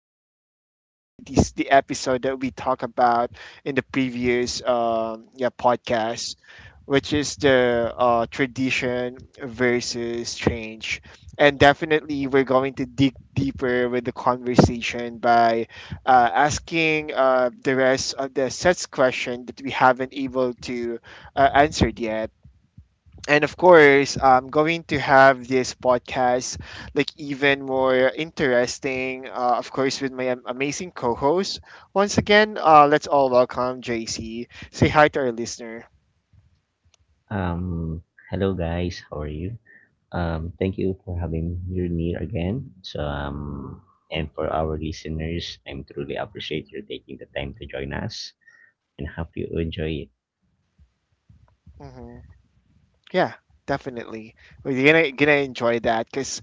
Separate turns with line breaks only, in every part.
first episode, or the episode that we talked about in the previous podcast, which is the tradition versus change. And definitely, we're going to dig deeper with the conversation by asking the rest of the sets question that we haven't able to answered yet. And of course, I'm going to have this podcast like even more interesting. Of course, with my amazing co-host. Once again, let's all welcome JC. Say hi to our listener.
Um, Hello guys, how are you? Thank you for having me again. And for our listeners, I'm truly appreciate you taking the time to join us and hope you enjoy it.
Mhm. Yeah, definitely. We're gonna enjoy that because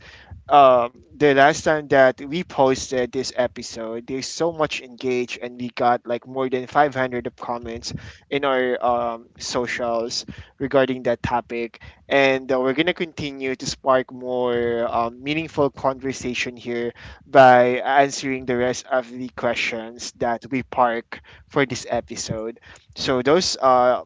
the last time that we posted this episode, there's so much engaged, and we got like more than 500 of comments in our socials regarding that topic. And we're gonna continue to spark more meaningful conversation here by answering the rest of the questions that we park for this episode. So those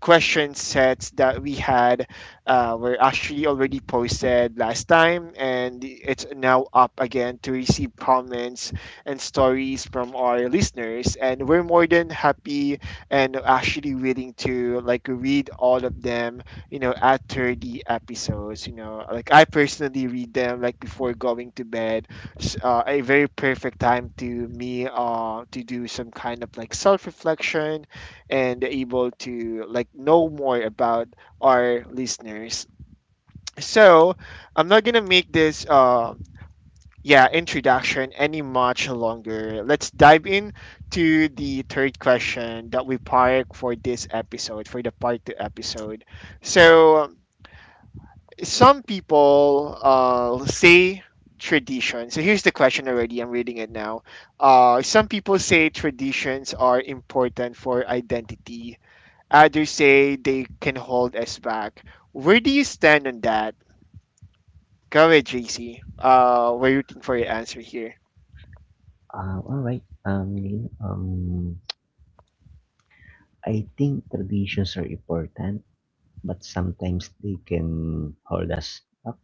question sets that we had were actually already posted last time, and it's now up again to receive comments and stories from our listeners. And we're more than happy and actually willing to like read all of them, you know, after the episodes. You know, like I personally read them like before going to bed a very perfect time to me to do some kind of like self reflection and able to like know more about our listeners. So I'm not gonna make this yeah introduction any much longer. Let's dive in to the third question that we park for this episode for the part two episode. So some people say tradition. So here's the question already. I'm reading it now. Some people say traditions are important for identity. Others say they can hold us back. Where do you stand on that? Go ahead, JC. We're rooting for your answer here.
All right. Lynn, I think traditions are important, but sometimes they can hold us up.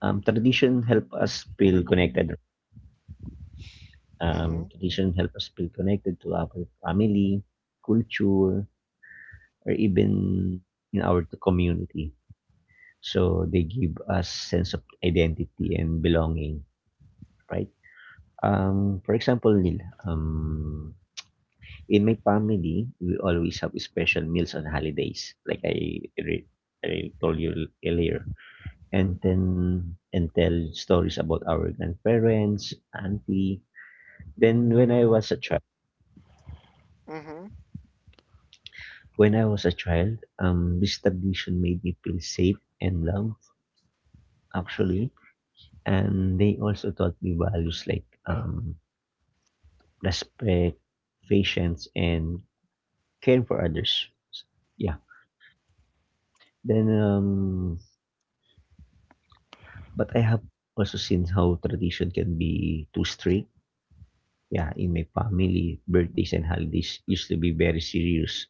Tradition help us feel connected. Um,
Mm-hmm.
tradition help us feel connected to our family, culture, or even in our community. So they give us sense of identity and belonging, right? For example, Neil, in my family, we always have special meals on holidays, like I told you earlier, and then and tell stories about our grandparents, auntie. Then when I was a child,
Mm-hmm.
When I was a child, this tradition made me feel safe and loved. Actually, and they also taught me values like, respect, patience, and caring for others. Yeah. Then, um, but I have also seen how tradition can be too strict. Yeah, in my family, birthdays and holidays used to be very serious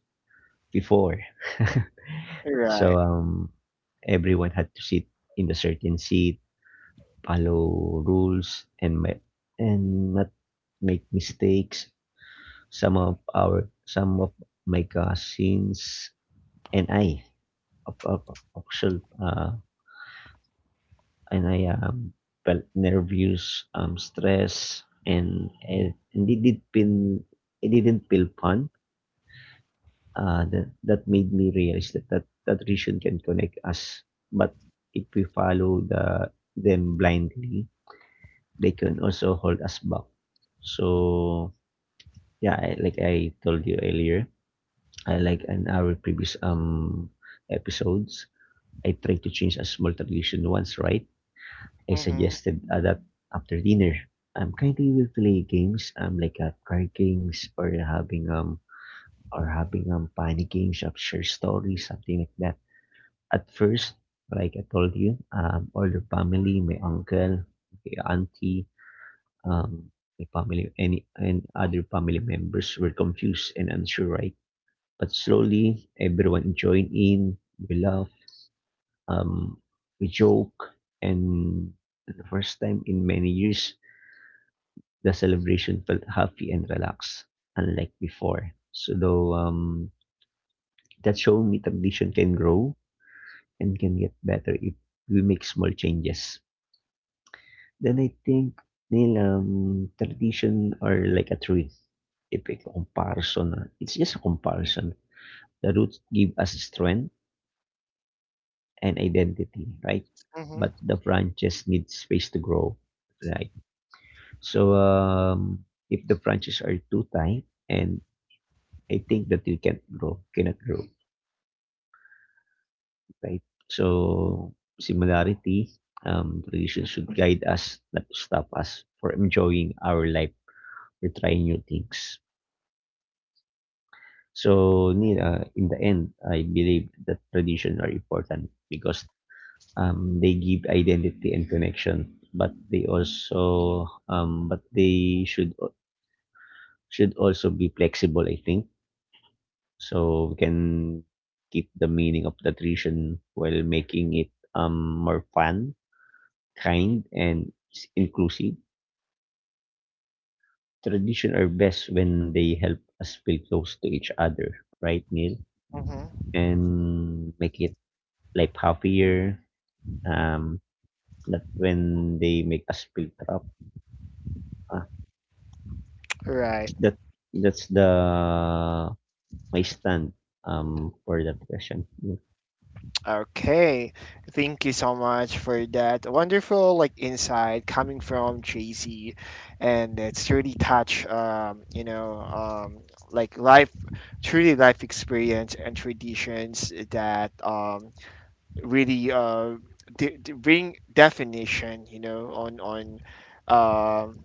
before. So,
Right.
um, Everyone had to sit in a certain seat, follow rules, and not make mistakes. Some of my cousins and I of- of- of- actual uh, and I um, felt nervous, stress, and it didn't feel fun. That made me realize that that region can connect us, but if we follow the them blindly, they can also hold us back. So yeah, I, like I told you earlier, I like in our previous episodes, I tried to change a small tradition once, right? I
Mm-hmm.
suggested that after dinner, I'm currently will play games, like card games or having funny games of share stories, something like that. At first, like I told you, all the family, my uncle, my auntie, um, my family, any and other family members were confused and unsure, right? But slowly, everyone joined in. We laugh, um, we joke, and for the first time in many years, the celebration felt happy and relaxed, unlike before. That showed me tradition can grow and can get better if we make small changes. Then I think, Neil, tradition are like a tree. If a comparison, it's just a comparison. The roots give us strength and identity, right? But the branches need space to grow, right? So if the branches are too tight, and I think that you can't grow, cannot grow, right? So similarity, tradition should guide us, not to stop us for enjoying our life or trying new things. So, Neil,
Mm-hmm.
in the end, I believe that tradition are important because they give identity and connection, but they should also be flexible, I think, so we can keep the meaning of the tradition while making it, more fun, kind, and inclusive. Tradition are best when they help us feel close to each other, right, Neil,
Mm-hmm.
and make it life happier, um, not when they make us feel trapped.
Right.
That that's the my stand for that question. Mm.
Okay. Thank you so much for that wonderful like insight coming from JC, and it's really touch you know like life, truly life experience and traditions that really bring definition, you know, on um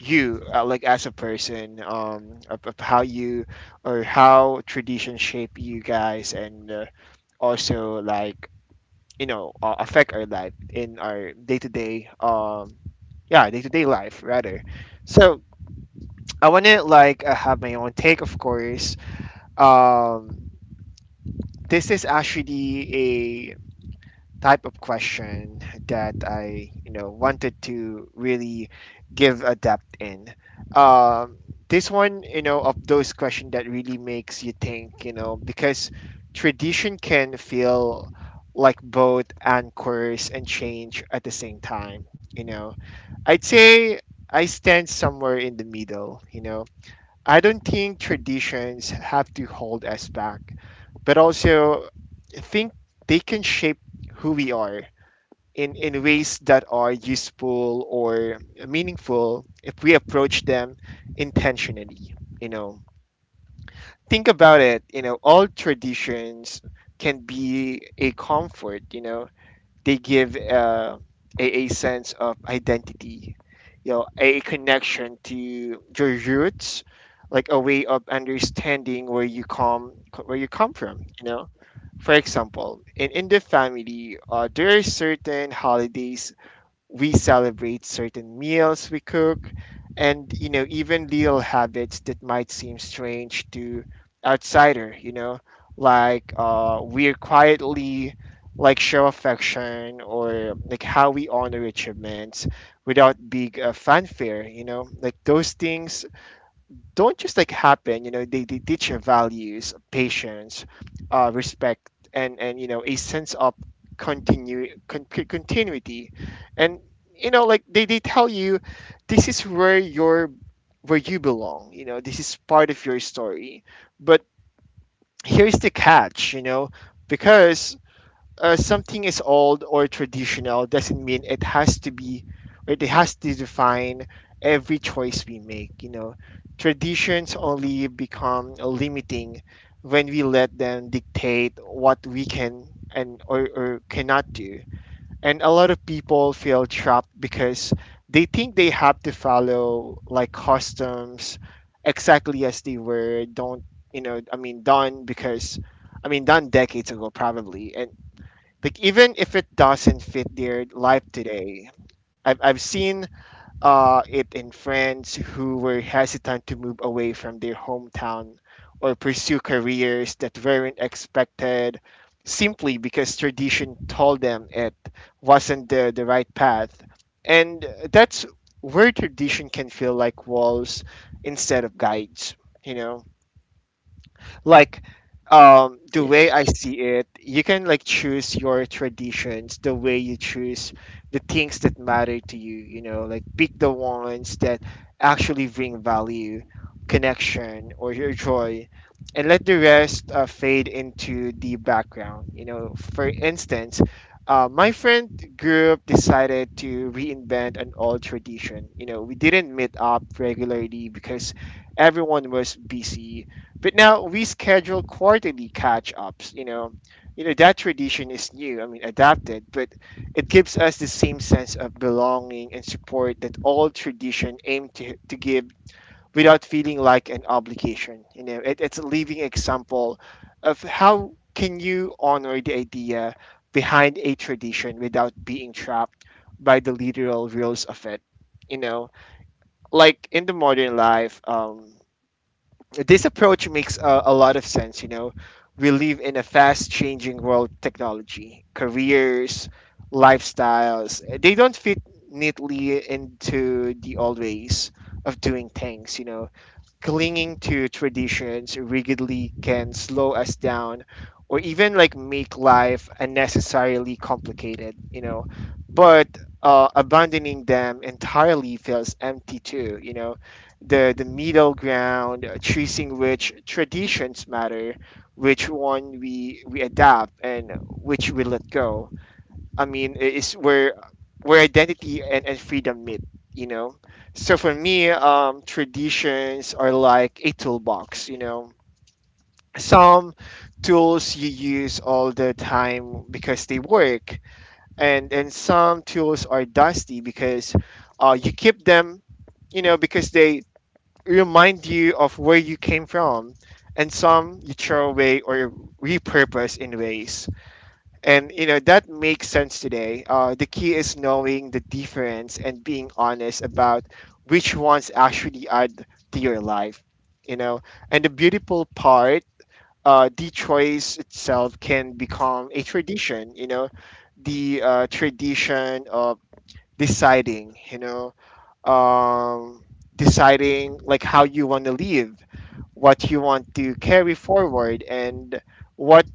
you like as a person, of how you or how tradition shape you guys, and also like you know affect our life in our day to day, yeah, day to day life rather. So I want to like have my own take, of course. Um, this is actually type of question that I, you know, wanted to really give a depth in. Um, this one, you know, of those questions that really makes you think, you know, because tradition can feel like both anchors and change at the same time, you know. I'd say I stand somewhere in the middle, you know. I don't think traditions have to hold us back, but also I think they can shape who we are in ways that are useful or meaningful if we approach them intentionally, you know. Think about it, you know, all traditions can be a comfort, you know. They give a sense of identity, you know, a connection to your roots, like a way of understanding where you come from, you know. For example, in the family, there are certain holidays we celebrate, certain meals we cook, and you know even little habits that might seem strange to outsider, you know, like we're quietly like show affection or like how we honor achievements without big fanfare, you know, like those things don't just like happen, you know. They teach you values, patience, respect, and you know a sense of continuity, and you know like they tell you this is where your where you belong, you know, this is part of your story. But here's the catch, you know, because something is old or traditional doesn't mean it has to be. Right, it has to define every choice we make, you know. Traditions only become limiting when we let them dictate what we can and or cannot do. And a lot of people feel trapped because they think they have to follow like customs exactly as they were don't you know I mean done because done decades ago probably, and like even if it doesn't fit their life today. I've seen it in friends who were hesitant to move away from their hometown or pursue careers that weren't expected simply because tradition told them it wasn't the right path. And that's where tradition can feel like walls instead of guides, you know. Like the way I
Yes.
see it, you can like choose your traditions the way you choose the things that matter to you, you know, like pick the ones that actually bring value, connection, or your joy, and let the rest fade into the background, you know. For instance, my friend group decided to reinvent an old tradition. You know, we didn't meet up regularly because everyone was busy, but now we schedule quarterly catch-ups. You know that tradition is new. I mean, adapted, but it gives us the same sense of belonging and support that all tradition aim to give without feeling like an obligation. You know, it, it's a living example of how can you honor the idea behind a tradition without being trapped by the literal rules of it. You know, like in the modern life. This approach makes a lot of sense, you know. We live in a fast changing world. Technology, careers, lifestyles, they don't fit neatly into the old ways of doing things, you know. Clinging to traditions rigidly can slow us down or even like make life unnecessarily complicated, you know. But abandoning them entirely feels empty too, you know. The middle ground, choosing which traditions matter, which one we adapt, and which we let go, I mean, is where identity and freedom meet, you know. So for me, traditions are like a toolbox, you know. Some tools you use all the time because they work, and some tools are dusty because you keep them, you know, because they remind you of where you came from, and some you throw away or repurpose in ways and you know that makes sense today. The key is knowing the difference and being honest about which ones actually add to your life. You know, and the beautiful part, the choice itself can become a tradition. You know, the tradition of deciding. You know, um, deciding like how you want to live, what you want to carry forward, and what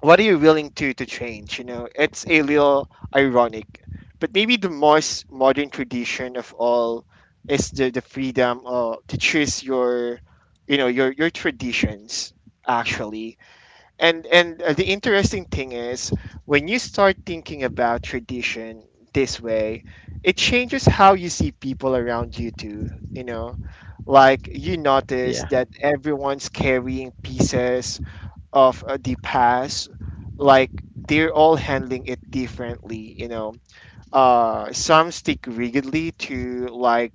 are you willing to change? You know, it's a little ironic, but maybe the most modern tradition of all is the freedom to choose your, you know, your traditions actually. And the interesting thing is when you start thinking about tradition this way, it changes how you see people around you too. You know, like you notice
Yeah.
that everyone's carrying pieces of the past, like they're all handling it differently, you know. Some stick rigidly to like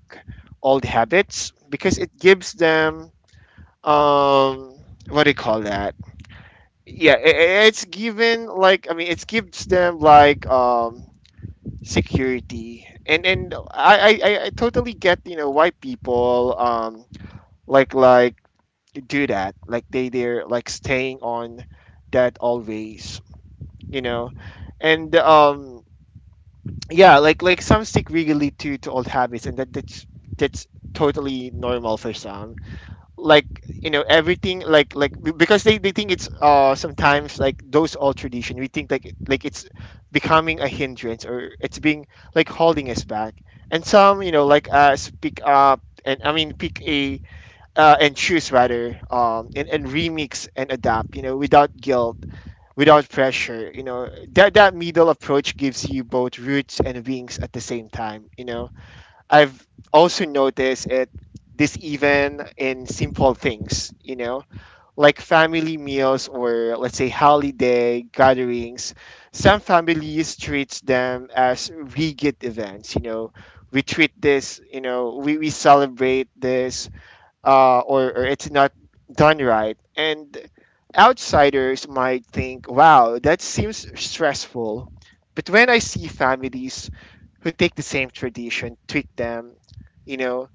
old habits because it gives them um what do you call that. Yeah, it's given like, I mean, it gives them like security, and I totally get, you know, why people like do that, like they're like staying on that always, you know. And yeah, like some stick really to old habits, and that's that's totally normal for some, like you know everything, like because they think it's sometimes like those old tradition we think like it's becoming a hindrance or it's being like holding us back. And some you know like speak up, and I mean pick a, and choose rather, and remix and adapt, you know, without guilt, without pressure, you know. That that middle approach gives you both roots and wings at the same time, you know. I've also noticed it this even in simple things, you know, like family meals or let's say holiday gatherings. Some families treats them as rigid events, you know. We treat this, you know, we celebrate this, or it's not done right. And outsiders might think, wow, that seems stressful. But when I see families who take the same tradition, tweak them, you know,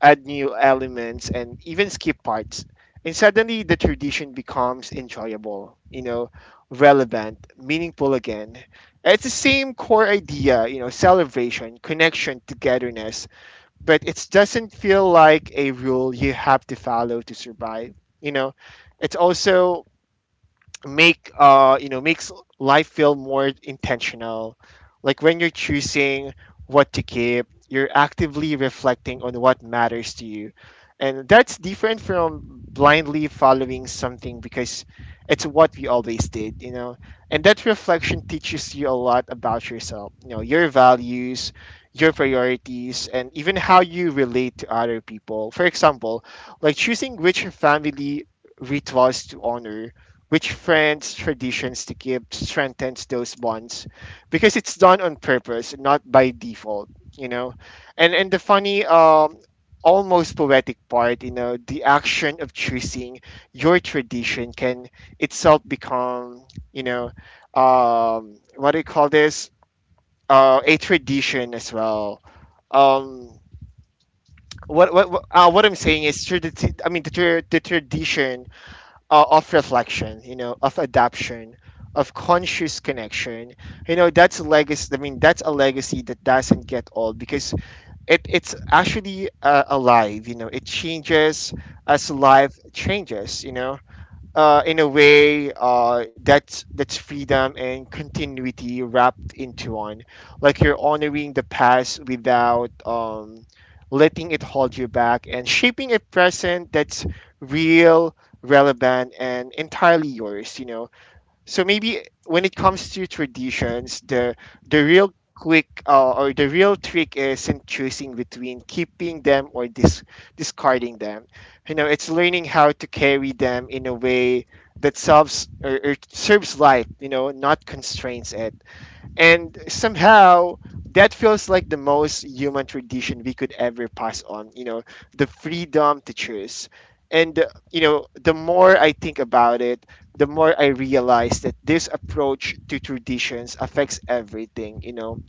add new elements, and even skip parts, and suddenly the tradition becomes enjoyable, you know, relevant, meaningful again. It's the same core idea, celebration, connection, togetherness but it doesn't feel like a rule you have to follow to survive. You know, it's also makes life feel more intentional, like when you're choosing what to keep, you're actively reflecting on what matters to you, and that's different from blindly following something because it's what we always did. And that reflection teaches you a lot about yourself, your values, your priorities, and even how you relate to other people, for example, like choosing which family rituals to honor, which friends traditions to keep strengthens those bonds because it's done on purpose, not by default you know and the funny, almost poetic part, the action of choosing your tradition can itself become you know what do you call this, a tradition as well. Um what what, what uh, what I'm saying is the tradition of reflection, of adaption, of conscious connection. That's a legacy. I mean, that's a legacy that doesn't get old because it's actually alive. It changes as life changes. In a way, that's freedom and continuity wrapped into one, like you're honoring the past without letting it hold you back and shaping a present that's real, relevant, and entirely yours. So maybe when it comes to traditions, the real quick or the real trick isn't choosing between keeping them or discarding them. It's learning how to carry them in a way that serves or serves life, You know, not constrains it. And somehow that feels like the most human tradition we could ever pass on, the freedom to choose. And the more I think about it, the more I realize that this approach to traditions affects everything,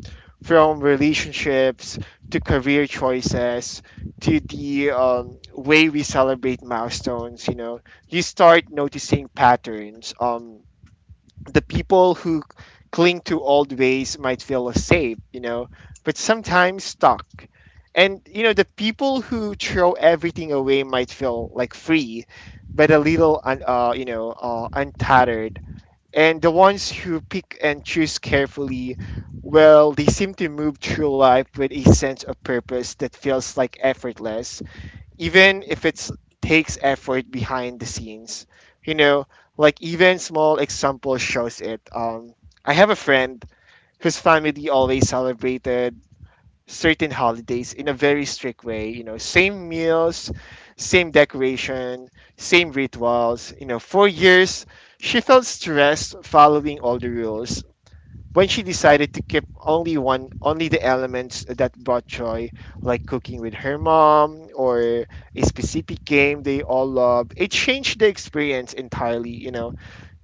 from relationships to career choices to the way we celebrate milestones. You start noticing patterns. The people who cling to old ways might feel safe, but sometimes stuck. And the people who throw everything away might feel like free, but a little, untattered. And the ones who pick and choose carefully, well, they seem to move through life with a sense of purpose that feels like effortless, even if it takes effort behind the scenes you know like even small example shows it. I have a friend whose family always celebrated certain holidays in a very strict way, same meals, same decoration, same rituals, for years. She felt stressed following all the rules. When she decided to keep only the elements that brought joy, like cooking with her mom or a specific game they all loved, it changed the experience entirely.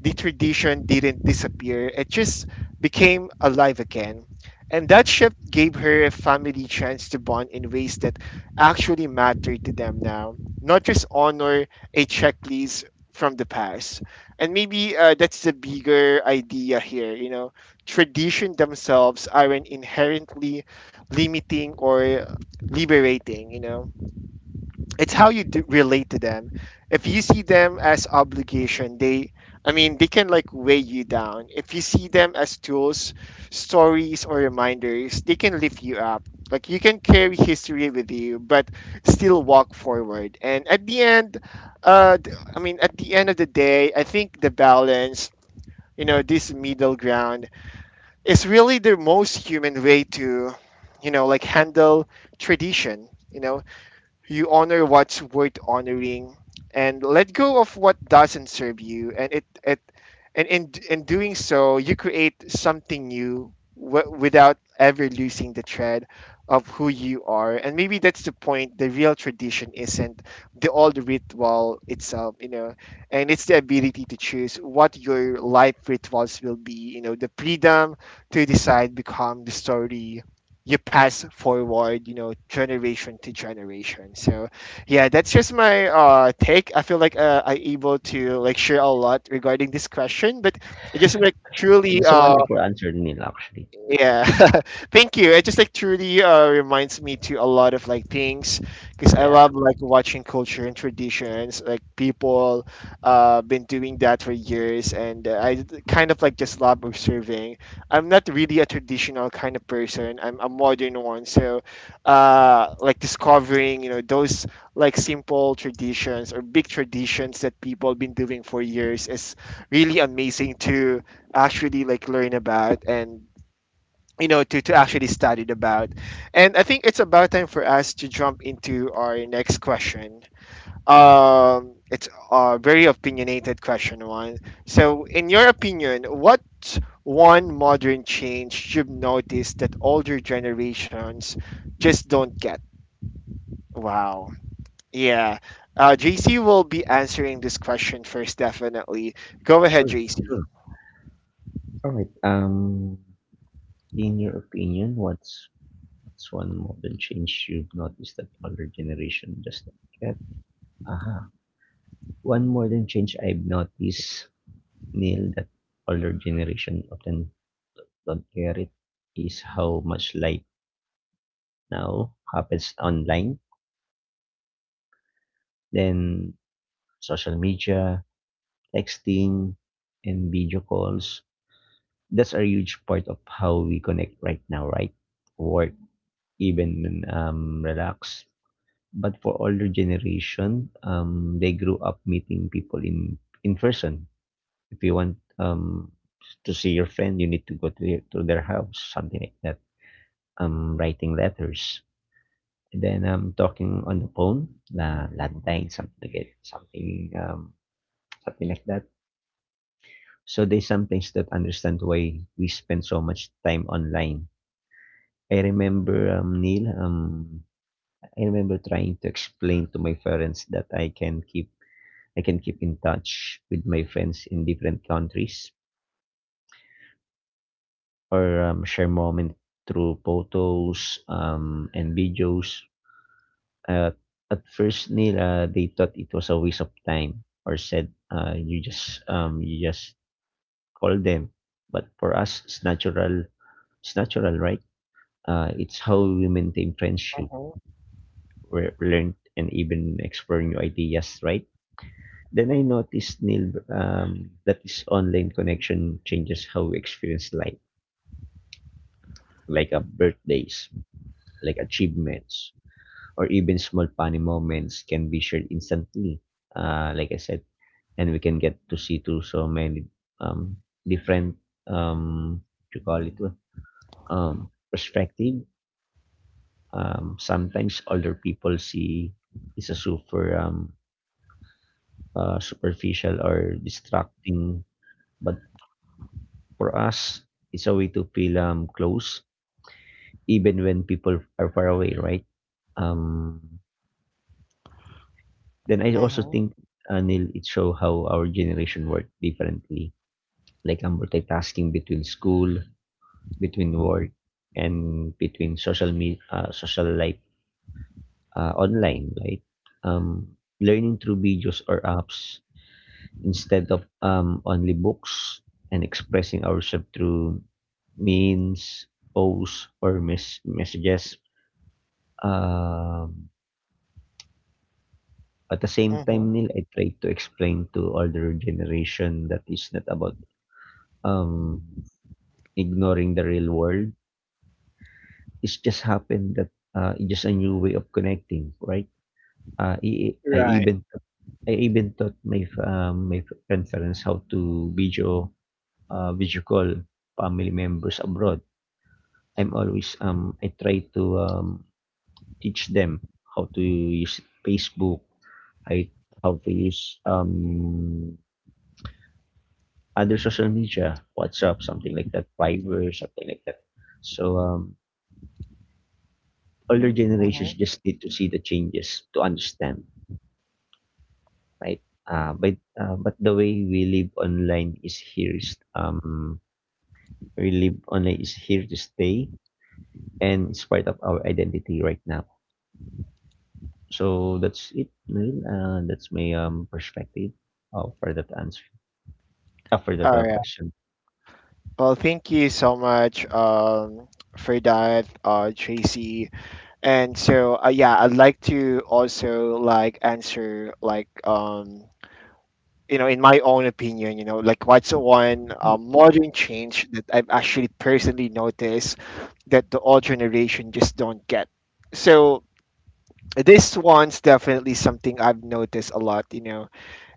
The tradition didn't disappear, it just became alive again. And that shift gave her a family chance to bond in ways that actually matter to them now, not just honor a checklist from the past. And maybe that's the bigger idea here, tradition themselves aren't inherently limiting or liberating. It's how you relate to them. If you see them as obligation, they, I mean, they can like weigh you down. If you see them as tools, stories, or reminders, they can lift you up. Like you can carry history with you, but still walk forward. And at the end, I mean, at the end of the day, I think the balance, this middle ground is really the most human way to, like handle tradition. You honor what's worth honoring and let go of what doesn't serve you. And it and in doing so, you create something new, without ever losing the thread of who you are. And maybe that's the point: the real tradition isn't the old ritual itself, and it's the ability to choose what your life rituals will be, the freedom to decide become the story you pass forward, generation to generation. So yeah, that's just my take. I feel like I able to like share a lot regarding this question, but I just like truly
That's a
uh
wonderful answer, Neil, actually.
Yeah, thank you. It just like truly reminds me to a lot of like things because I
Yeah.
love like watching culture and traditions. Like people been doing that for years, and I kind of like just love observing. I'm not really a traditional kind of person. I'm a modern one, so like discovering those like simple traditions or big traditions that people been doing for years is really amazing to actually like learn about, and to actually study about. And I think it's about time for us to jump into our next question. It's a very opinionated question one. So in your opinion, what one modern change you've noticed that older generations just don't get? Wow. Yeah. JC will be answering this question first, definitely. Go ahead,
Sure.
JC.
Sure. All right. In your opinion, what's one modern change you've noticed that older generation does don't get? Aha. One modern change I've noticed, Neil, that older generation often don't get it is how much life now happens online. Then social media, texting, and video calls. That's a huge part of how we connect right now, right? Work, even relax. But for older generation, they grew up meeting people in person. If you want to see your friend, you need to go to to their house, something like that. Writing letters. And then talking on the phone, na landline, something like that. So they sometimes don't understand why we spend so much time online. I remember, Neil, I remember trying to explain to my parents that I can keep in touch with my friends in different countries or share moments through photos and videos. Uh, at first, Neil, they thought it was a waste of time or said you just call them. But for us, it's natural. It's natural, right? It's how we maintain friendship, learn, and even explore new ideas, right? Then I noticed, Neil, that this online connection changes how we experience life, like birthdays, like achievements, or even small funny moments can be shared instantly, like I said, and we can get to see to so many um, different, what you call it, perspective. Sometimes older people see is a super superficial or distracting. But for us, it's a way to feel close, even when people are far away, right? Um, then I also
Mhm,
think, Neil, it show how our generation worked differently, like multitasking between school, between work, and between social life, online, right? Learning through videos or apps instead of only books and expressing ourselves through means posts, or messages. Um, at the same
mhm,
time, nila, I try to explain to older generation that it's not about um, ignoring the real world. It's just happened that it's just a new way of connecting, right? I
right.
even taught my conference how to video video call family members abroad. I'm always I try to teach them how to use Facebook, I how to use other social media, WhatsApp, something like that, Viber, something like that. So older generations
Mhm.
just need to see the changes to understand, right? But the way we live online is here to stay and it's part of our identity right now. So that's it, Neil. That's my perspective for that answer. After the
Right.
question.
Well, thank you so much for that, Tracy. And so, yeah, I'd like to also like answer like in my own opinion, like what's the one
Right.
modern change that I've actually personally noticed that the old generation just don't get. So this one's definitely something I've noticed a lot,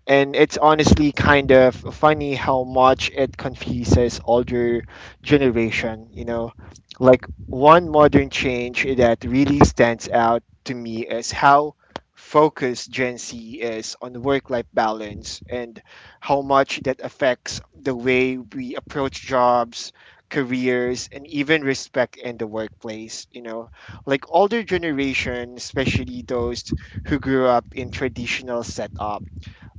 and it's honestly kind of funny how much it confuses older generation. Like one modern change that really stands out to me is how focused Gen Z is on work life balance, and how much that affects the way we approach jobs, careers, and even respect in the workplace. Like older generation, especially those who grew up in traditional setups,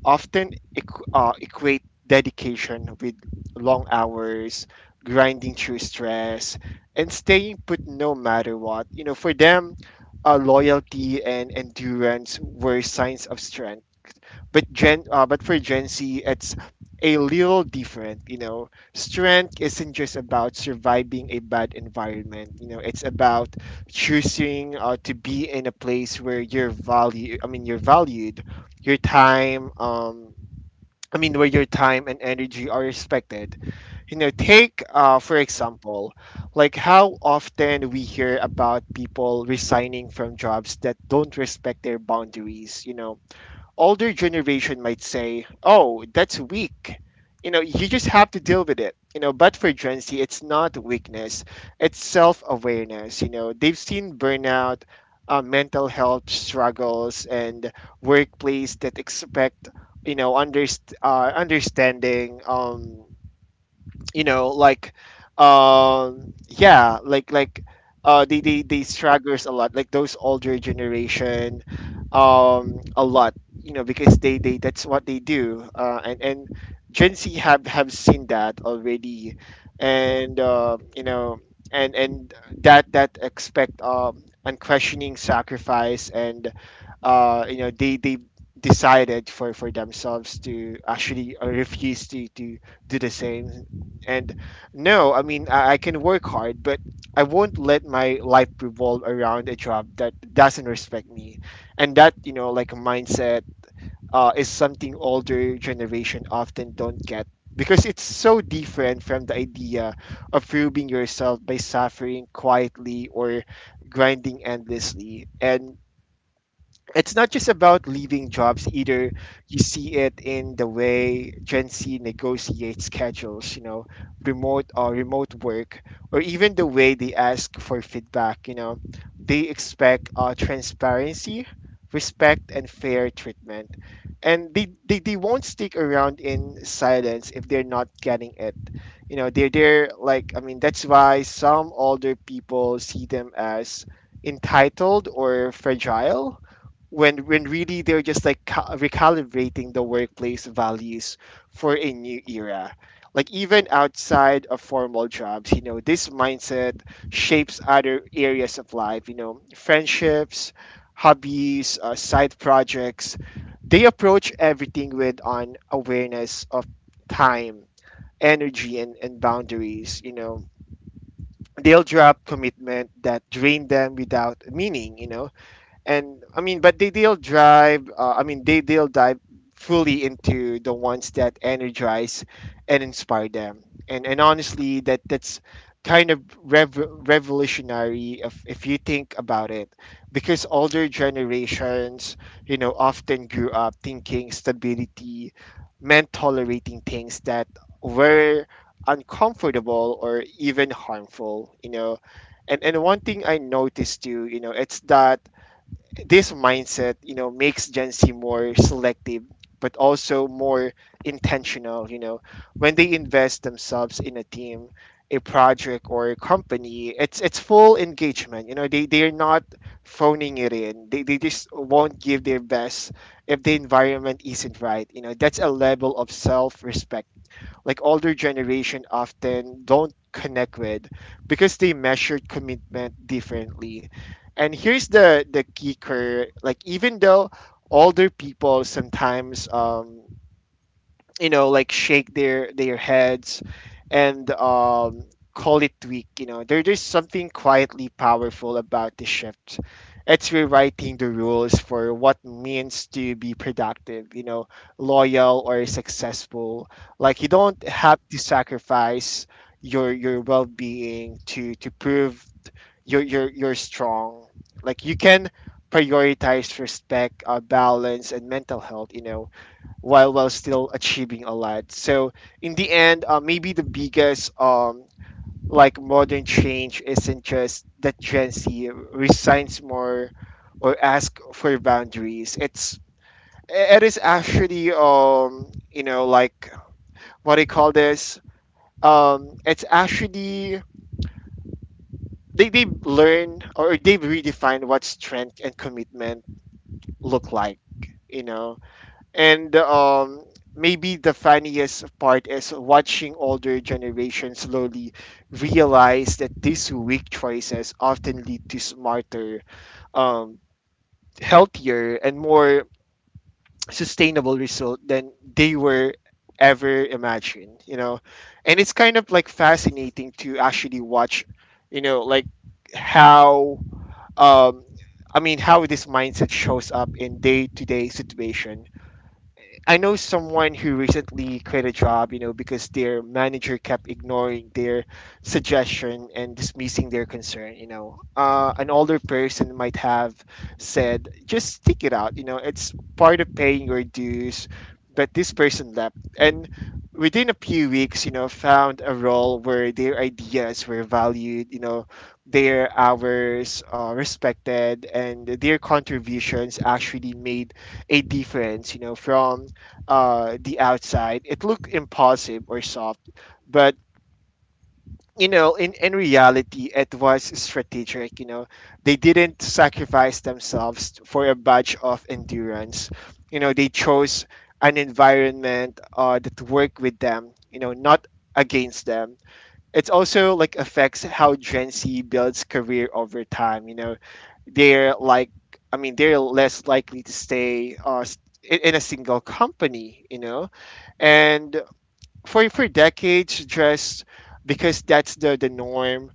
often equate dedication with long hours, grinding through stress, and staying put no matter what. For them, loyalty and endurance were signs of strength. But for Gen Z, it's a little different. Strength isn't just about surviving a bad environment. It's about choosing to be in a place where you're value. I mean, you're valued your time, I mean, where your time and energy are respected. Take, for example, like how often we hear about people resigning from jobs that don't respect their boundaries, older generation might say, "Oh, that's weak." You just have to deal with it. But for Gen Z, it's not weakness; it's self-awareness. They've seen burnout, mental health struggles, and workplace that expect understanding. Like yeah, they struggles a lot, like those older generation, a lot, because they that's what they do. And Gen Z have seen that already. And uh you know and and that that expect unquestioning sacrifice. And they decided for themselves to actually refuse to do the same. And no, I mean, I can work hard, but I won't let my life revolve around a job that doesn't respect me. And that like mindset, is something older generation often don't get because it's so different from the idea of proving yourself by suffering quietly or grinding endlessly. And it's not just about leaving jobs either. You see it in the way Gen Z negotiates schedules, remote work, or even the way they ask for feedback. They expect transparency, respect, and fair treatment, and they won't stick around in silence if they're not getting it. You know, they're like I mean that's why some older people see them as entitled or fragile when really they're just like recalibrating the workplace values for a new era. Like even outside of formal jobs, this mindset shapes other areas of life, friendships, hobbies, side projects, they approach everything with an awareness of time, energy, and boundaries. They'll drop commitment that drain them without meaning. And I mean, but they they'll drive. I mean, they they'll dive fully into the ones that energize and inspire them. And honestly, that's kind of revolutionary if you think about it, because older generations, often grew up thinking stability meant tolerating things that were uncomfortable or even harmful. And one thing I noticed too, it's that this mindset, makes Gen Z more selective, but also more intentional. You know, when they invest themselves in a team, a project, or a company, it's full engagement. You know, they are not phoning it in. They just won't give their best if the environment isn't right. You know, that's a level of self respect like older generation often don't connect with because they measured commitment differently. And here's the kicker. Like even though older people sometimes shake their heads and call it weak, you know, there's something quietly powerful about the shift. It's rewriting the rules for what means to be productive, you know, loyal or successful. Like you don't have to sacrifice your well-being to prove you're strong. Like you can prioritize respect, balance and mental health, you know, while still achieving a lot. So in the end, maybe the biggest modern change isn't just that Gen Z resigns more or ask for boundaries. It's it is actually, you know like what do you call this it's actually they learn or they redefine what strength and commitment look like, you know. And maybe the funniest part is watching older generations slowly realize that these weak choices often lead to smarter, um, healthier, and more sustainable result than they were ever imagined. You know, and it's kind of like fascinating to actually watch. You know, like how um, how this mindset shows up in day to day situations. I know someone who recently quit a job, you know, because their manager kept ignoring their suggestion and dismissing their concern, you know. An older person might have said, just stick it out, you know, it's part of paying your dues. But this person left and within a few weeks, you know, found a role where their ideas were valued, you know, their hours respected, and their contributions actually made a difference, you know. From the outside, it looked impulsive or soft, but you know, in reality, it was strategic. You know, they didn't sacrifice themselves for a badge of endurance. You know, they chose an environment, that worked with them, you know, not against them. It also like affects how Gen Z builds career over time. You know, they're like they're less likely to stay in a single company, you know, and for decades just because that's the norm.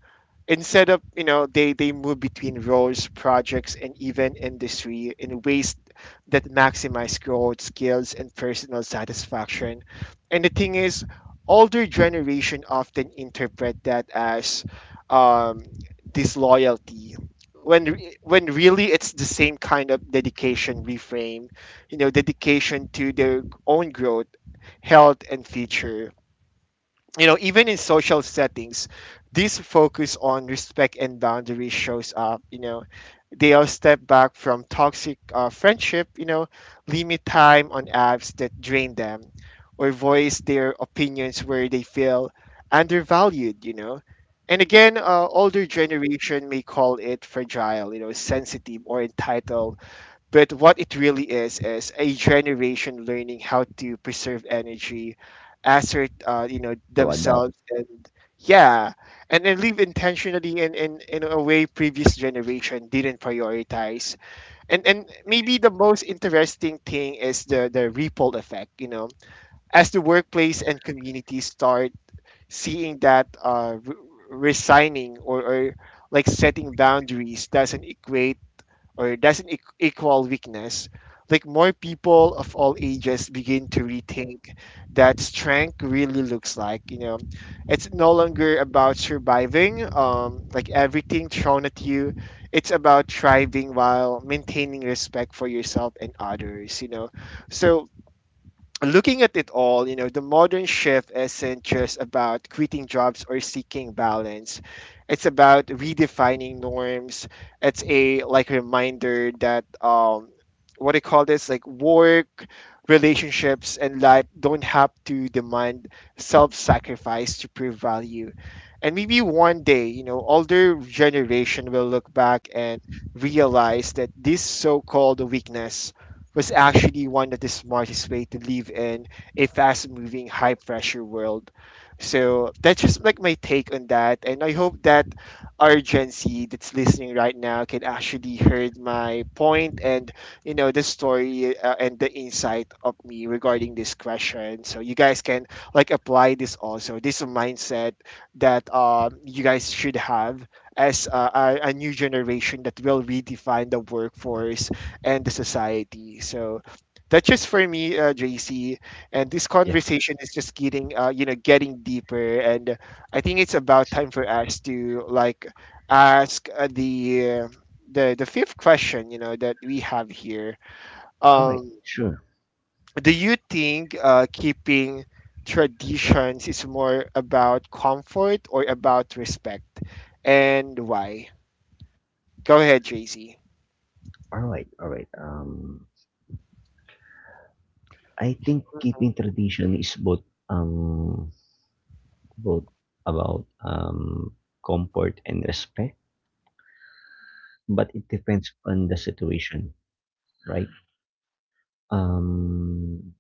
Instead, of you know, they move between roles, projects and even industry in ways that maximize growth, skills and personal satisfaction. And the thing is, older generation often interpret that as um, disloyalty, when really it's the same kind of dedication reframe, you know. Dedication to their own growth, health and future, you know. Even in social settings, this focus on respect and boundaries shows up, you know. They all step back from toxic, friendship, you know, limit time on apps that drain them, or voice their opinions where they feel undervalued, you know. And again, older generation may call it fragile, you know, sensitive or entitled, but what it really is a generation learning how to preserve energy, assert, you know,
To adapt.
themselves, and yeah, and then live intentionally in a way previous generation didn't prioritize. And maybe the most interesting thing is the ripple effect. You know, as the workplace and community start seeing that resigning, or like setting boundaries doesn't equate, or it doesn't equal weakness, like more people of all ages begin to rethink that strength really looks like. You know, it's no longer about surviving, like everything thrown at you. It's about thriving while maintaining respect for yourself and others. You know, so looking at it all, you know, the modern shift isn't just about quitting jobs or seeking balance. It's about redefining norms. It's a like reminder that what do you call this? Like work, relationships and life don't have to demand self-sacrifice to prove value. And maybe one day, you know, older generation will look back and realize that this so-called weakness was actually one of the smartest way to live in a fast-moving, high-pressure world. So that's just like my take on that, and I hope that our Gen Z that's listening right now can actually heard my point and, you know, the story, and the insight of me regarding this question. So you guys can like apply this also. This is a mindset that you guys should have as a new generation that will redefine the workforce and the society. So that's just for me, JC. And this
Yeah.
conversation is just getting, you know, getting deeper. And I think it's about time for us to like ask the fifth question, you know, that we have here.
All right.
Um,
Sure.
do you think, keeping traditions is more about comfort or about respect, and why? Go ahead, JC.
All right. All right. I think keeping tradition is both about comfort and respect, but it depends on the situation, right? Um,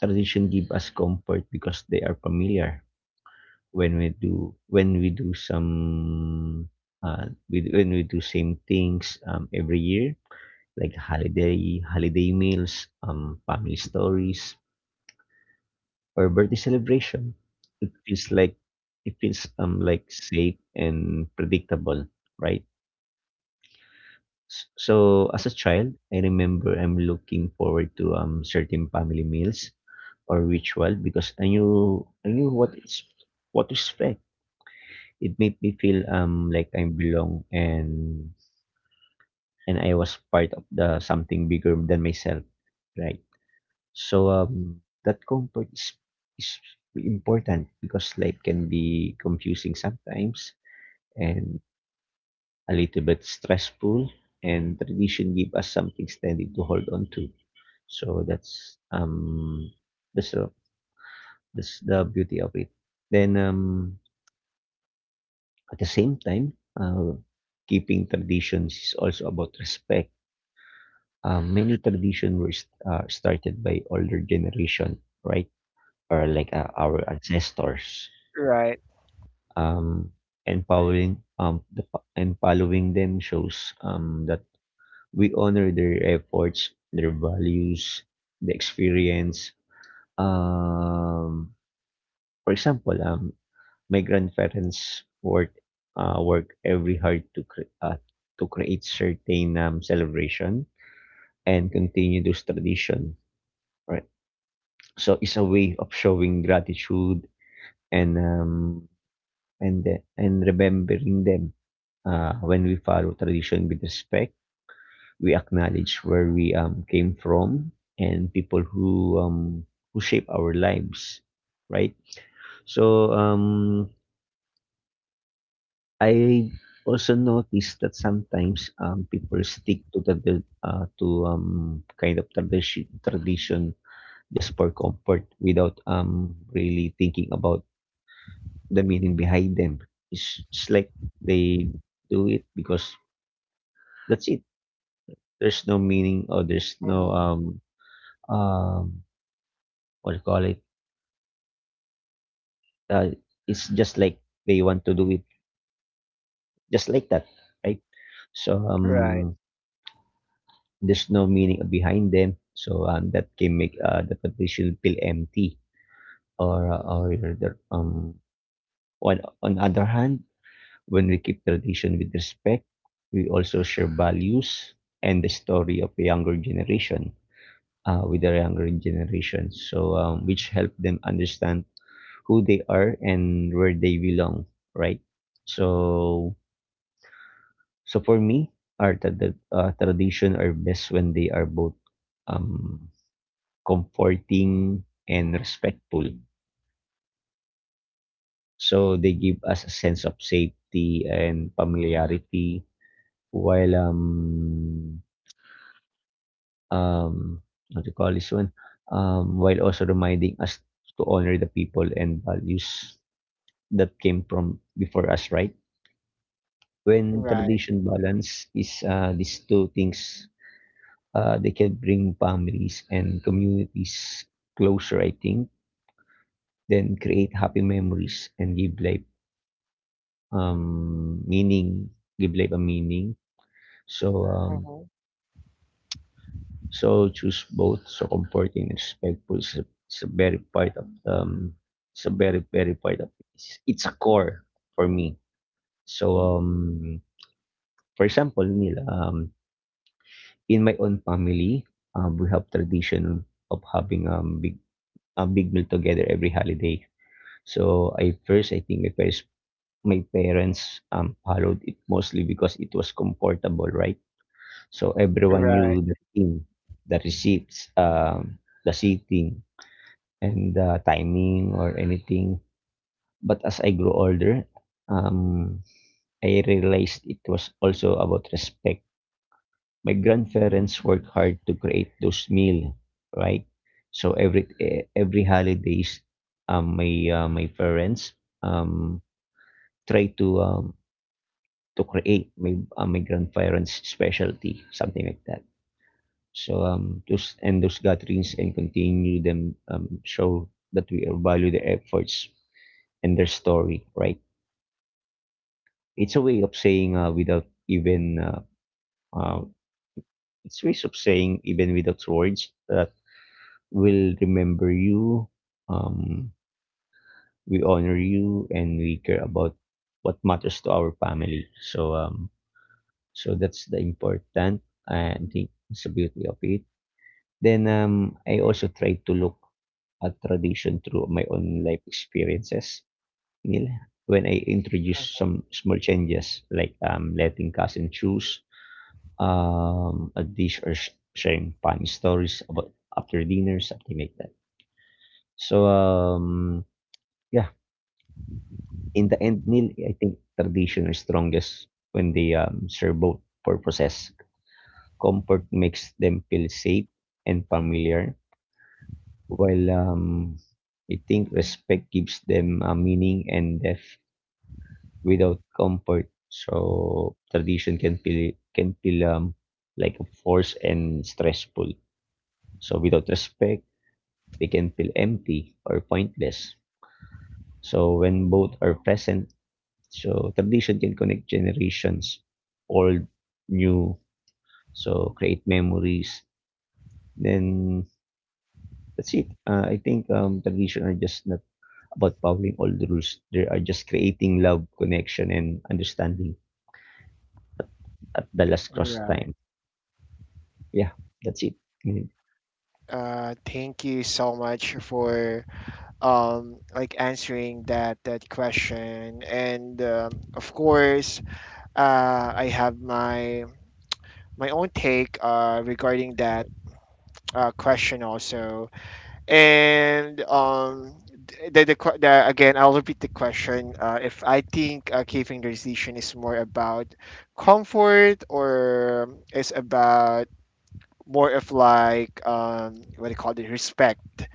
Tradition give us comfort because they are familiar when we do some when we do same things every year, like holiday meals, family stories, or birthday celebration. It feels like it feels like safe and predictable, right? So as a child, I remember I'm looking forward to certain family meals or ritual because I knew what to expect. It made me feel like I belong and I was part of the something bigger than myself, right? So, that comfort is important because life can be confusing sometimes and a little bit stressful, and tradition give us something steady to hold on to. So that's that's the that's the beauty of it. Then at the same time, uh, keeping traditions is also about respect. Many traditions were started by older generation, right? Or like our ancestors,
Right.
um, and following and following them shows that we honor their efforts, their values, the experience. Um, for example, my grandparents work every hard to to create certain celebration and continue those tradition. Right, so it's a way of showing gratitude and and remembering them. When we follow tradition with respect, we acknowledge where we came from and people who shape our lives, right? So I also noticed that sometimes people stick to the, to kind of tradition just for comfort without really thinking about the meaning behind them. It's like they do it because that's it, there's no meaning or there's no
Mhm.
um um what do you call it, uh, it's just like they want to do it just like that, right? so
Right.
um there's no meaning behind them, so that can make the petition feel empty or uh, or the- um on other hand, when we keep tradition with respect, we also share values and the story of the younger generation with the younger generation, so which help them understand who they are and where they belong, right? So, so for me, tradition are best when they are both um, comforting and respectful. So they give us a sense of safety and familiarity while um what do you call this one, while also reminding us to honor the people and values that came from before us, right? When
Right.
tradition balance is these two things, they can bring families and communities closer, I think, then create happy memories and give life meaning, give life a meaning. So, um, so choose both. So comforting and respectful is is a very part of, it's a very very part of it's a core for me. So for example, Neil, in my own family, we have tradition of having big a big meal together every holiday. So I first I think my parents followed it mostly because it was comfortable, right? So everyone knew
Right.
the thing, the receipts, the seating, and the timing or anything. But as I grew older, um, I realized it was also about respect. My grandparents work hard to create those meal, right? So every holidays, my parents um try to create my grandparents' specialty, something like that. So those gatherings and continue them show that we value their efforts and their story, right? It's a way of saying without even uh, it's ways of saying even without words that will remember you. Um, we honor you and we care about what matters to our family. So that's the important. I think it's the beauty of it. Then I also try to look at tradition through my own life experiences. Nila, when I introduce
Mhm.
some small changes like letting cousin choose a dish or sharing funny stories about after dinner, something like that. So um, yeah, In the end, Neil, I think tradition is strongest when they serve both purposes. Comfort makes them feel safe and familiar, while I think respect gives them a meaning and depth without comfort. So tradition can feel like a force and stressful. So without respect, they can feel empty or pointless. So when both are present, so tradition can connect generations, old, new. So create memories. Then that's it. I think tradition are just not about following all the rules. They are just creating love, connection, and understanding at the last cross
Right.
time. Yeah, that's it. Mm.
Thank you so much for answering that question. And of course, I have my own take, regarding that question also. And th- the, que- the again, I'll repeat the question. If I think, caving decision is more about comfort or is about more of like, what do you call it, respect.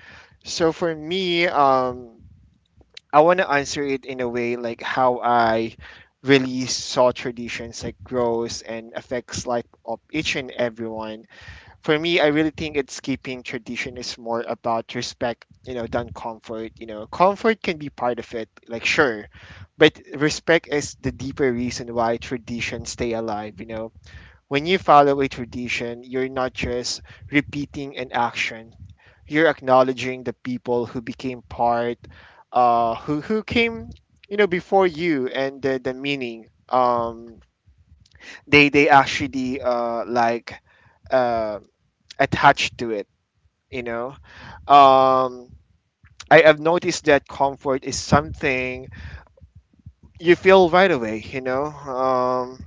So for me, I want to answer it in a way like how I really saw traditions like grows and affects life of each and everyone. For me, I really think it's keeping tradition is more about respect, you know, than comfort. You know, comfort can be part of it, like sure, but respect is the deeper reason why traditions stay alive, you know. When you follow a tradition, you're not just repeating an action, you're acknowledging the people who became part, who, came, you know, before you and the meaning they actually, uh, attached to it, you know. Um, I have noticed that comfort is something you feel right away, you know.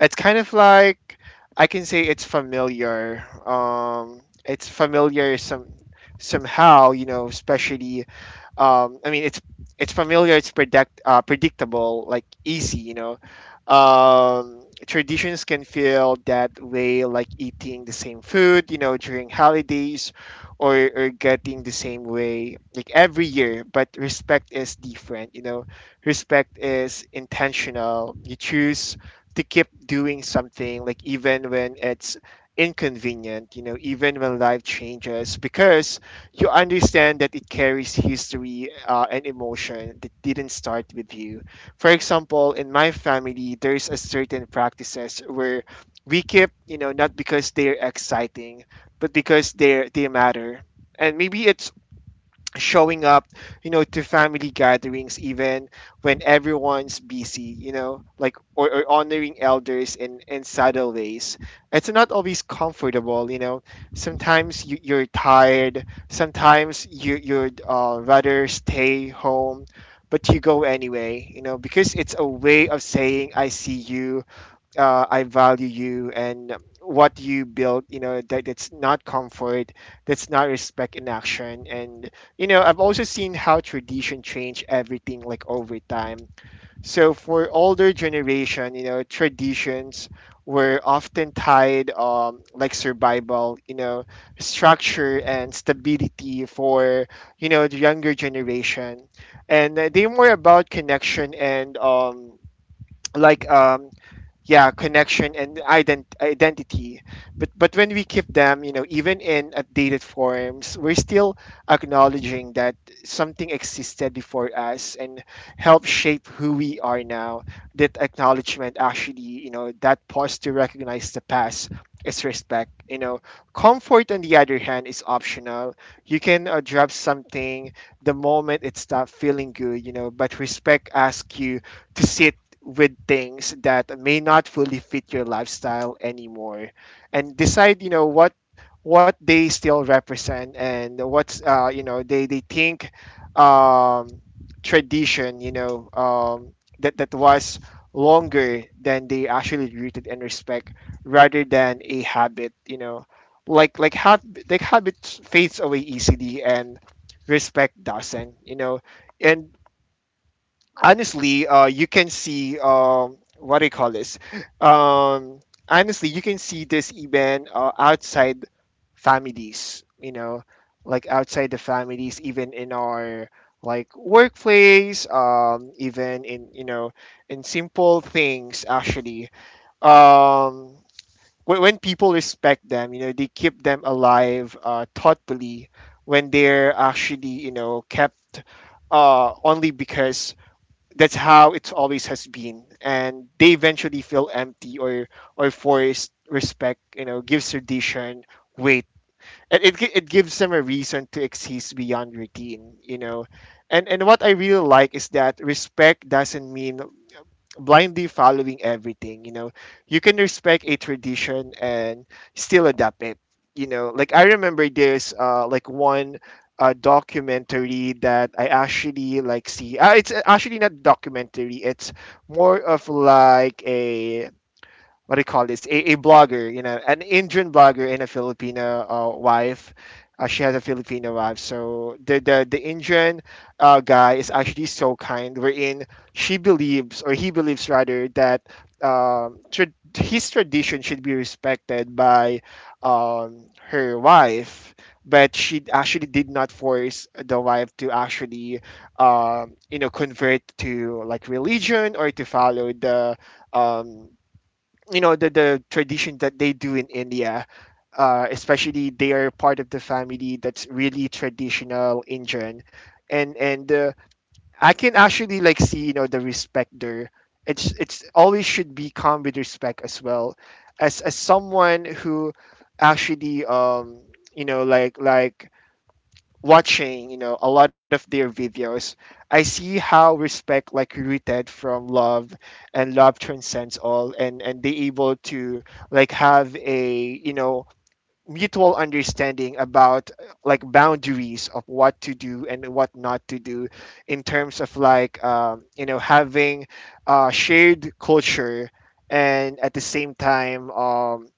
It's kind of like, I can say it's familiar. It's familiar some somehow, you know, especially, it's familiar, it's predictable, like easy, you know. Traditions can feel that way, like eating the same food, you know, during holidays, or getting the same way, like every year. But respect is different, you know. Respect is intentional. You choose to keep doing something, like even when it's inconvenient, you know, even when life changes, because you understand that it carries history, and emotion that didn't start with you. For example, in my family, there's a certain practices where we keep, you know, not because they're exciting, but because they matter. And maybe it's showing up, you know, to family gatherings even when everyone's busy, you know, like, or honoring elders in subtle ways. It's not always comfortable, you know. Sometimes you're tired. Sometimes you you'd rather stay home, but you go anyway, you know, because it's a way of saying I see you, I value you and what you build, you know. That's not comfort, that's not respect in action. And, you know, I've also seen how tradition change everything like over time. So for older generation, you know, traditions were often tied, like survival, you know, structure and stability for, you know, the younger generation. And, they're more about connection and like um yeah, connection and identity. But when we keep them, you know, even in updated forms, we're still acknowledging that something existed before us and help shape who we are now. That acknowledgement actually, you know, that pause to recognize the past is respect, you know. Comfort on the other hand is optional. You can, drop something the moment it stops feeling good, you know, but respect asks you to sit with things that may not fully fit your lifestyle anymore and decide, you know, what they still represent and what's, they think, um, tradition, you know, that that was longer than they actually rooted and respect rather than a habit, you know. Like like hab- like habit fades away easily and respect doesn't, you know. And honestly, you can see, what do you call this? Um, honestly, you can see this even, outside families. You know, like outside the families, even in our like workplace, even in, you know, in simple things. Um, when people respect them, you know, they keep them alive thoughtfully when they're actually you know kept only because that's how it's always has been and they eventually feel empty or forced respect you know gives tradition weight. And it gives them a reason to exist beyond routine, you know. And what I really like is that respect doesn't mean blindly following everything, you know. You can respect a tradition and still adapt it. You know, like I remember there's like one documentary that I actually like see, it's actually not documentary, it's more of like a what do you call this, a blogger, you know, an Indian blogger and a Filipino wife. She has a Filipino wife, so the Indian guy is actually so kind wherein she believes, or he believes rather, that um, tra- his tradition should be respected by her wife, but she actually did not force the wife to actually you know convert to like religion or to follow the um, you know the tradition that they do in India, especially they are part of the family that's really traditional Indian, and I can actually like see, you know, the respect there. It's always should be come with respect as well, as someone who actually you know like watching, you know, a lot of their videos, I see how respect like rooted from love, and love transcends all, and they able to like have a, you know, mutual understanding about like boundaries of what to do and what not to do in terms of like you know having a shared culture, and at the same time,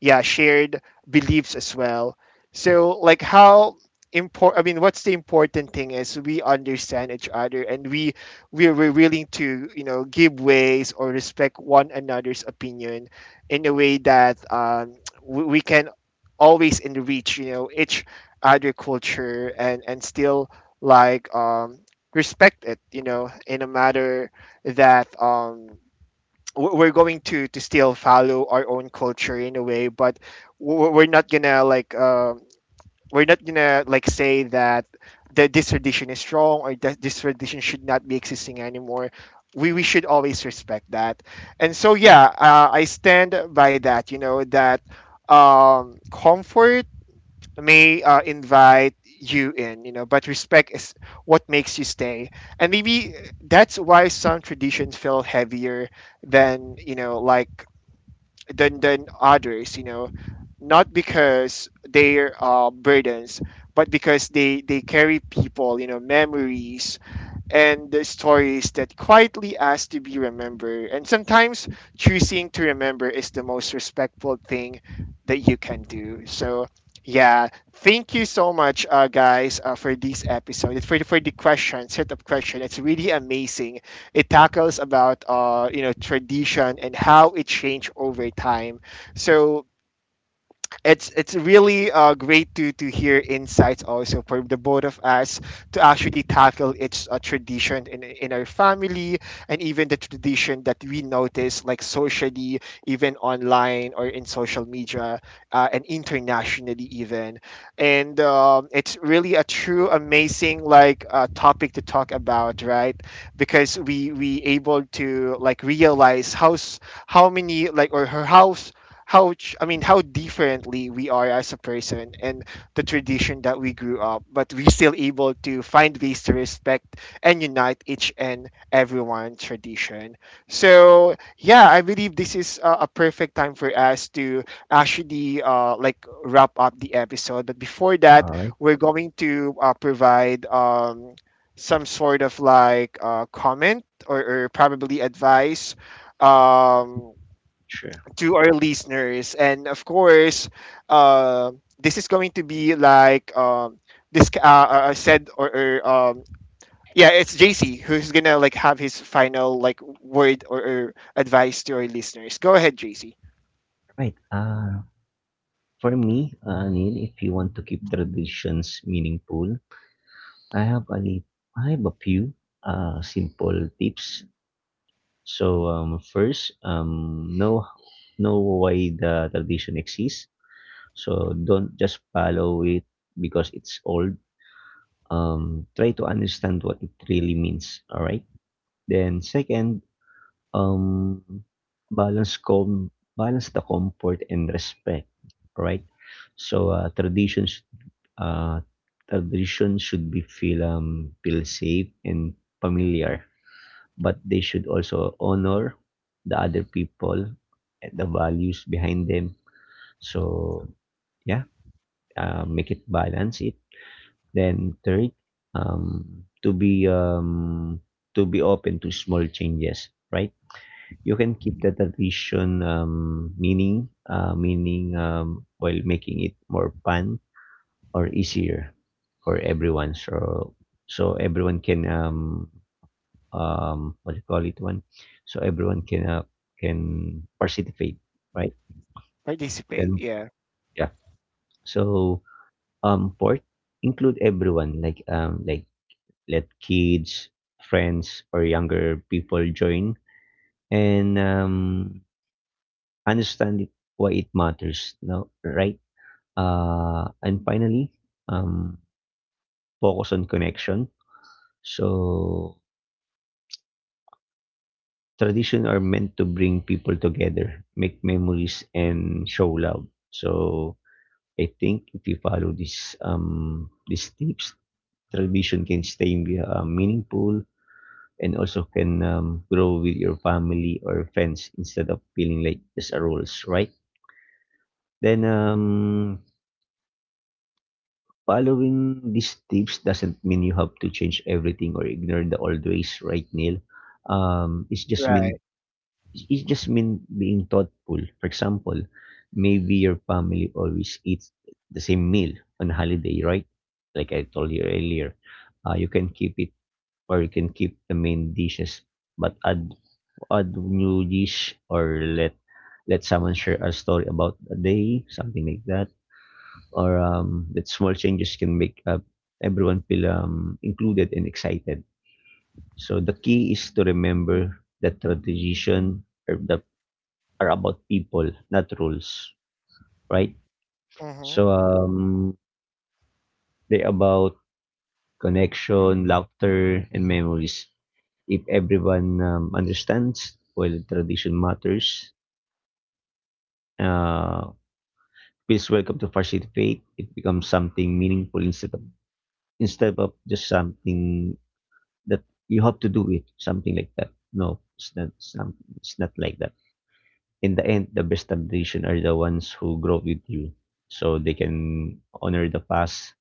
yeah, shared beliefs as well. So like how important, I mean what's the important thing, is we understand each other, and we're willing to you know give ways or respect one another's opinion in a way that, we can always enrich, you know, each other culture, and still like respect it, you know, in a matter that we're going to still follow our own culture in a way, but we're not gonna like we're not gonna like say that this tradition is wrong or that this tradition should not be existing anymore. We should always respect that. And so yeah, I stand by that, you know, that comfort may invite you in, you know, but respect is what makes you stay. And maybe that's why some traditions feel heavier than, you know, like than others, you know, not because they're burdens, but because they carry people, you know, memories, and the stories that quietly ask to be remembered. And sometimes choosing to remember is the most respectful thing that you can do. So, yeah, thank you so much, guys, for this episode. For for the question, set up question, it's really amazing. It tackles about, you know, tradition and how it changed over time. So it's really great to hear insights also for the both of us to actually tackle its tradition in our family, and even the tradition that we notice like socially, even online or in social media, and internationally even. And it's really a true amazing like topic to talk about, right? Because we able to like realize how s- how many like or how ch- I mean how differently we are as a person and the tradition that we grew up, but we still able to find ways to respect and unite each and everyone tradition. So yeah, I believe this is a perfect time for us to actually like wrap up the episode. But before that,
All right.
we're going to provide some sort of like comment or probably advice. Um,
Sure.
to our listeners. And of course, uh, this is going to be like this. I said or, yeah, it's JC who's gonna like have his final like word or advice to our listeners. Go ahead, JC.
Right. For me, Neil, if you want to keep traditions meaningful, I have a li- I have a few simple tips. So first, know why the tradition exists. So don't just follow it because it's old. Try to understand what it really means. All right. Then second, um, balance com balance the comfort and respect. All right. So uh, tradition should be feel feel safe and familiar but they should also honor the other people and the values behind them. So yeah, make it balance it. Then third, um, to be um, to be open to small changes, right? You can keep the tradition meaning while making it more fun or easier for everyone. So so everyone can what do you call it one, so everyone can participate, right?
Participate.
Then
Yeah.
yeah. So fourth, include everyone, like let kids, friends, or younger people join, and understand it, why it matters. No, right? And finally, um, focus on connection. So tradition are meant to bring people together, make memories, and show love. So I think if you follow these tips, tradition can stay meaningful and also can grow with your family or friends instead of feeling like just a rules, right? Then following these tips doesn't mean you have to change everything or ignore the old ways, right, Neil? Um, it's just
Right.
mean It just mean being thoughtful. For example, maybe your family always eats the same meal on holiday, right? Like I told you earlier, you can keep it or you can keep the main dishes, but add new dish or let someone share a story about a day, something like that. Or that small changes can make everyone feel included and excited. So the key is to remember that the tradition or the are about people, not rules, right?
Mm-hmm.
So, they're about connection, laughter, and memories. If everyone understands, well, tradition matters. Uh, feels welcome to participate. It becomes something meaningful instead of just something that you have to do with something like that. No, it's not. Some, it's not like that. In the end, the best tradition are the ones who grow with you, so they can honor the past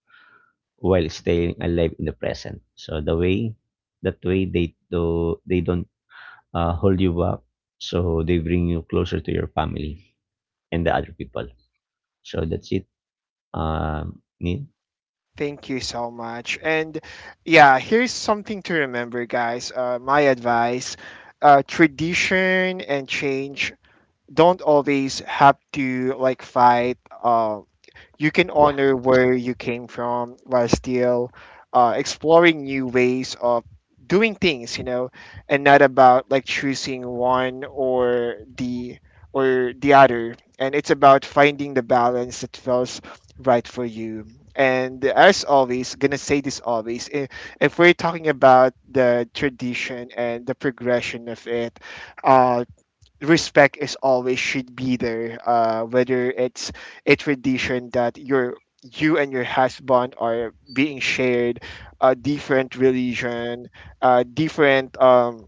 while staying alive in the present. So the way, that way they don't hold you back. So they bring you closer to your family and the other people. So that's it. Neil?
Thank you so much. And yeah, here's something to remember, guys. My advice: tradition and change don't always have to like fight. You can
Yeah,
honor where you came from while still exploring new ways of doing things, you know, and not about like choosing one or the other. And it's about finding the balance that feels right for you. And as always, gonna say this always, if we're talking about the tradition and the progression of it, uh, respect is always should be there, whether it's a tradition that your you and your husband are being shared a different religion, different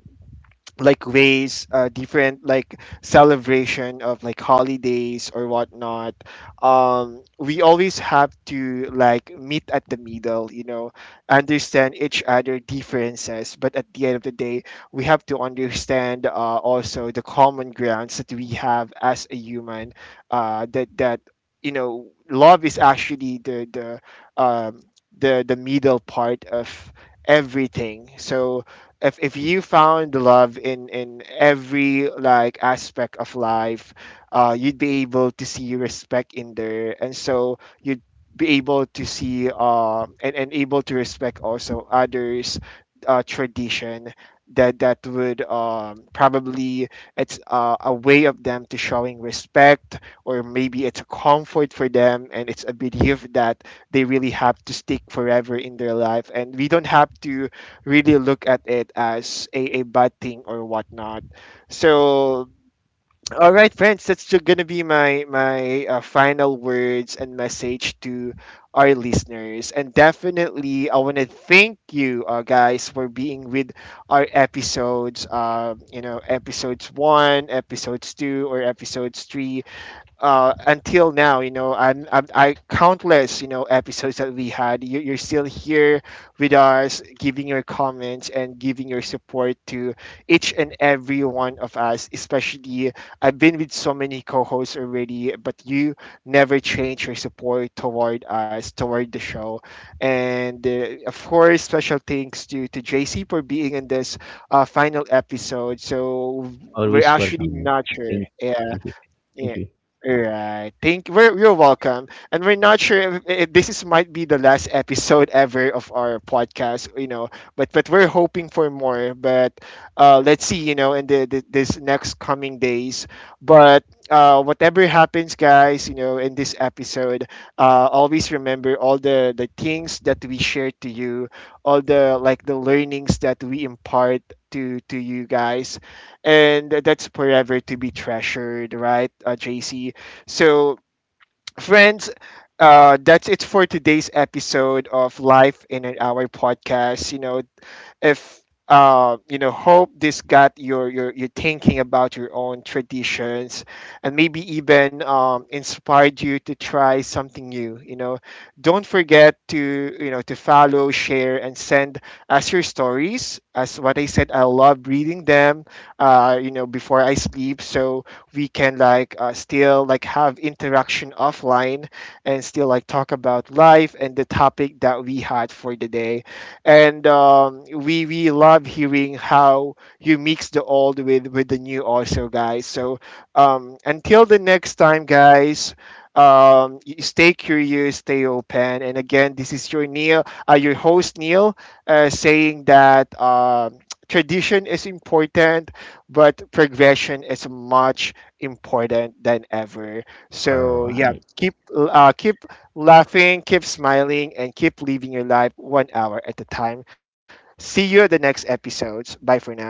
like ways, different like celebration of like holidays or whatnot. We always have to like meet at the middle, you know, understand each other differences, but at the end of the day we have to understand, also the common grounds that we have as a human, that you know love is actually um the middle part of everything. So if you found the love in every like aspect of life, you'd be able to see respect in there, and so you'd be able to see and able to respect also others tradition, that would probably it's a way of them to showing respect, or maybe it's a comfort for them and it's a belief that they really have to stick forever in their life, and we don't have to really look at it as a bad thing or whatnot. So, all right, friends, gonna be my my final words and message to our listeners. And definitely, I want to thank you, guys, for being with our episodes. You know, episodes one, episodes two, or episodes three, until now, you know, and I countless, you know, episodes that we had. You're still here with us, giving your comments and giving your support to each and every one of us. Especially, I've been with so many co-hosts already, but you never change your support toward us, toward the show. And of course, special thanks to JC for being in this final episode. So we're
always
actually
welcome.
not sure.
Thank, thank you, thank
Yeah.
you.
Right. You're welcome. And we're not sure if this is might be the last episode ever of our podcast, you know, but we're hoping for more. But let's see, you know, in the this next coming days. But whatever happens, guys, you know, in this episode, always remember all the things that we share to you, all the like the learnings that we impart to you guys, and that's forever to be treasured, right, JC? So, friends, that's it for today's episode of Life in an Hour podcast. You know, if you know hope this got your thinking about your own traditions, and maybe even inspired you to try something new, you know. Don't forget to you know to follow, share, and send us your stories. As what I said, I love reading them, you know, before I sleep, so we can like still like have interaction offline and still like talk about life and the topic that we had for the day. And we love hearing how you mix the old with the new also, guys. So until the next time, guys, stay curious, stay open, and again this is your Neil, your host Neil, saying that tradition is important, but progression is much important than ever.
All
So yeah,
right.
keep keep laughing, keep smiling, and keep living your life one hour at a time. See you at the next episodes. Bye for now.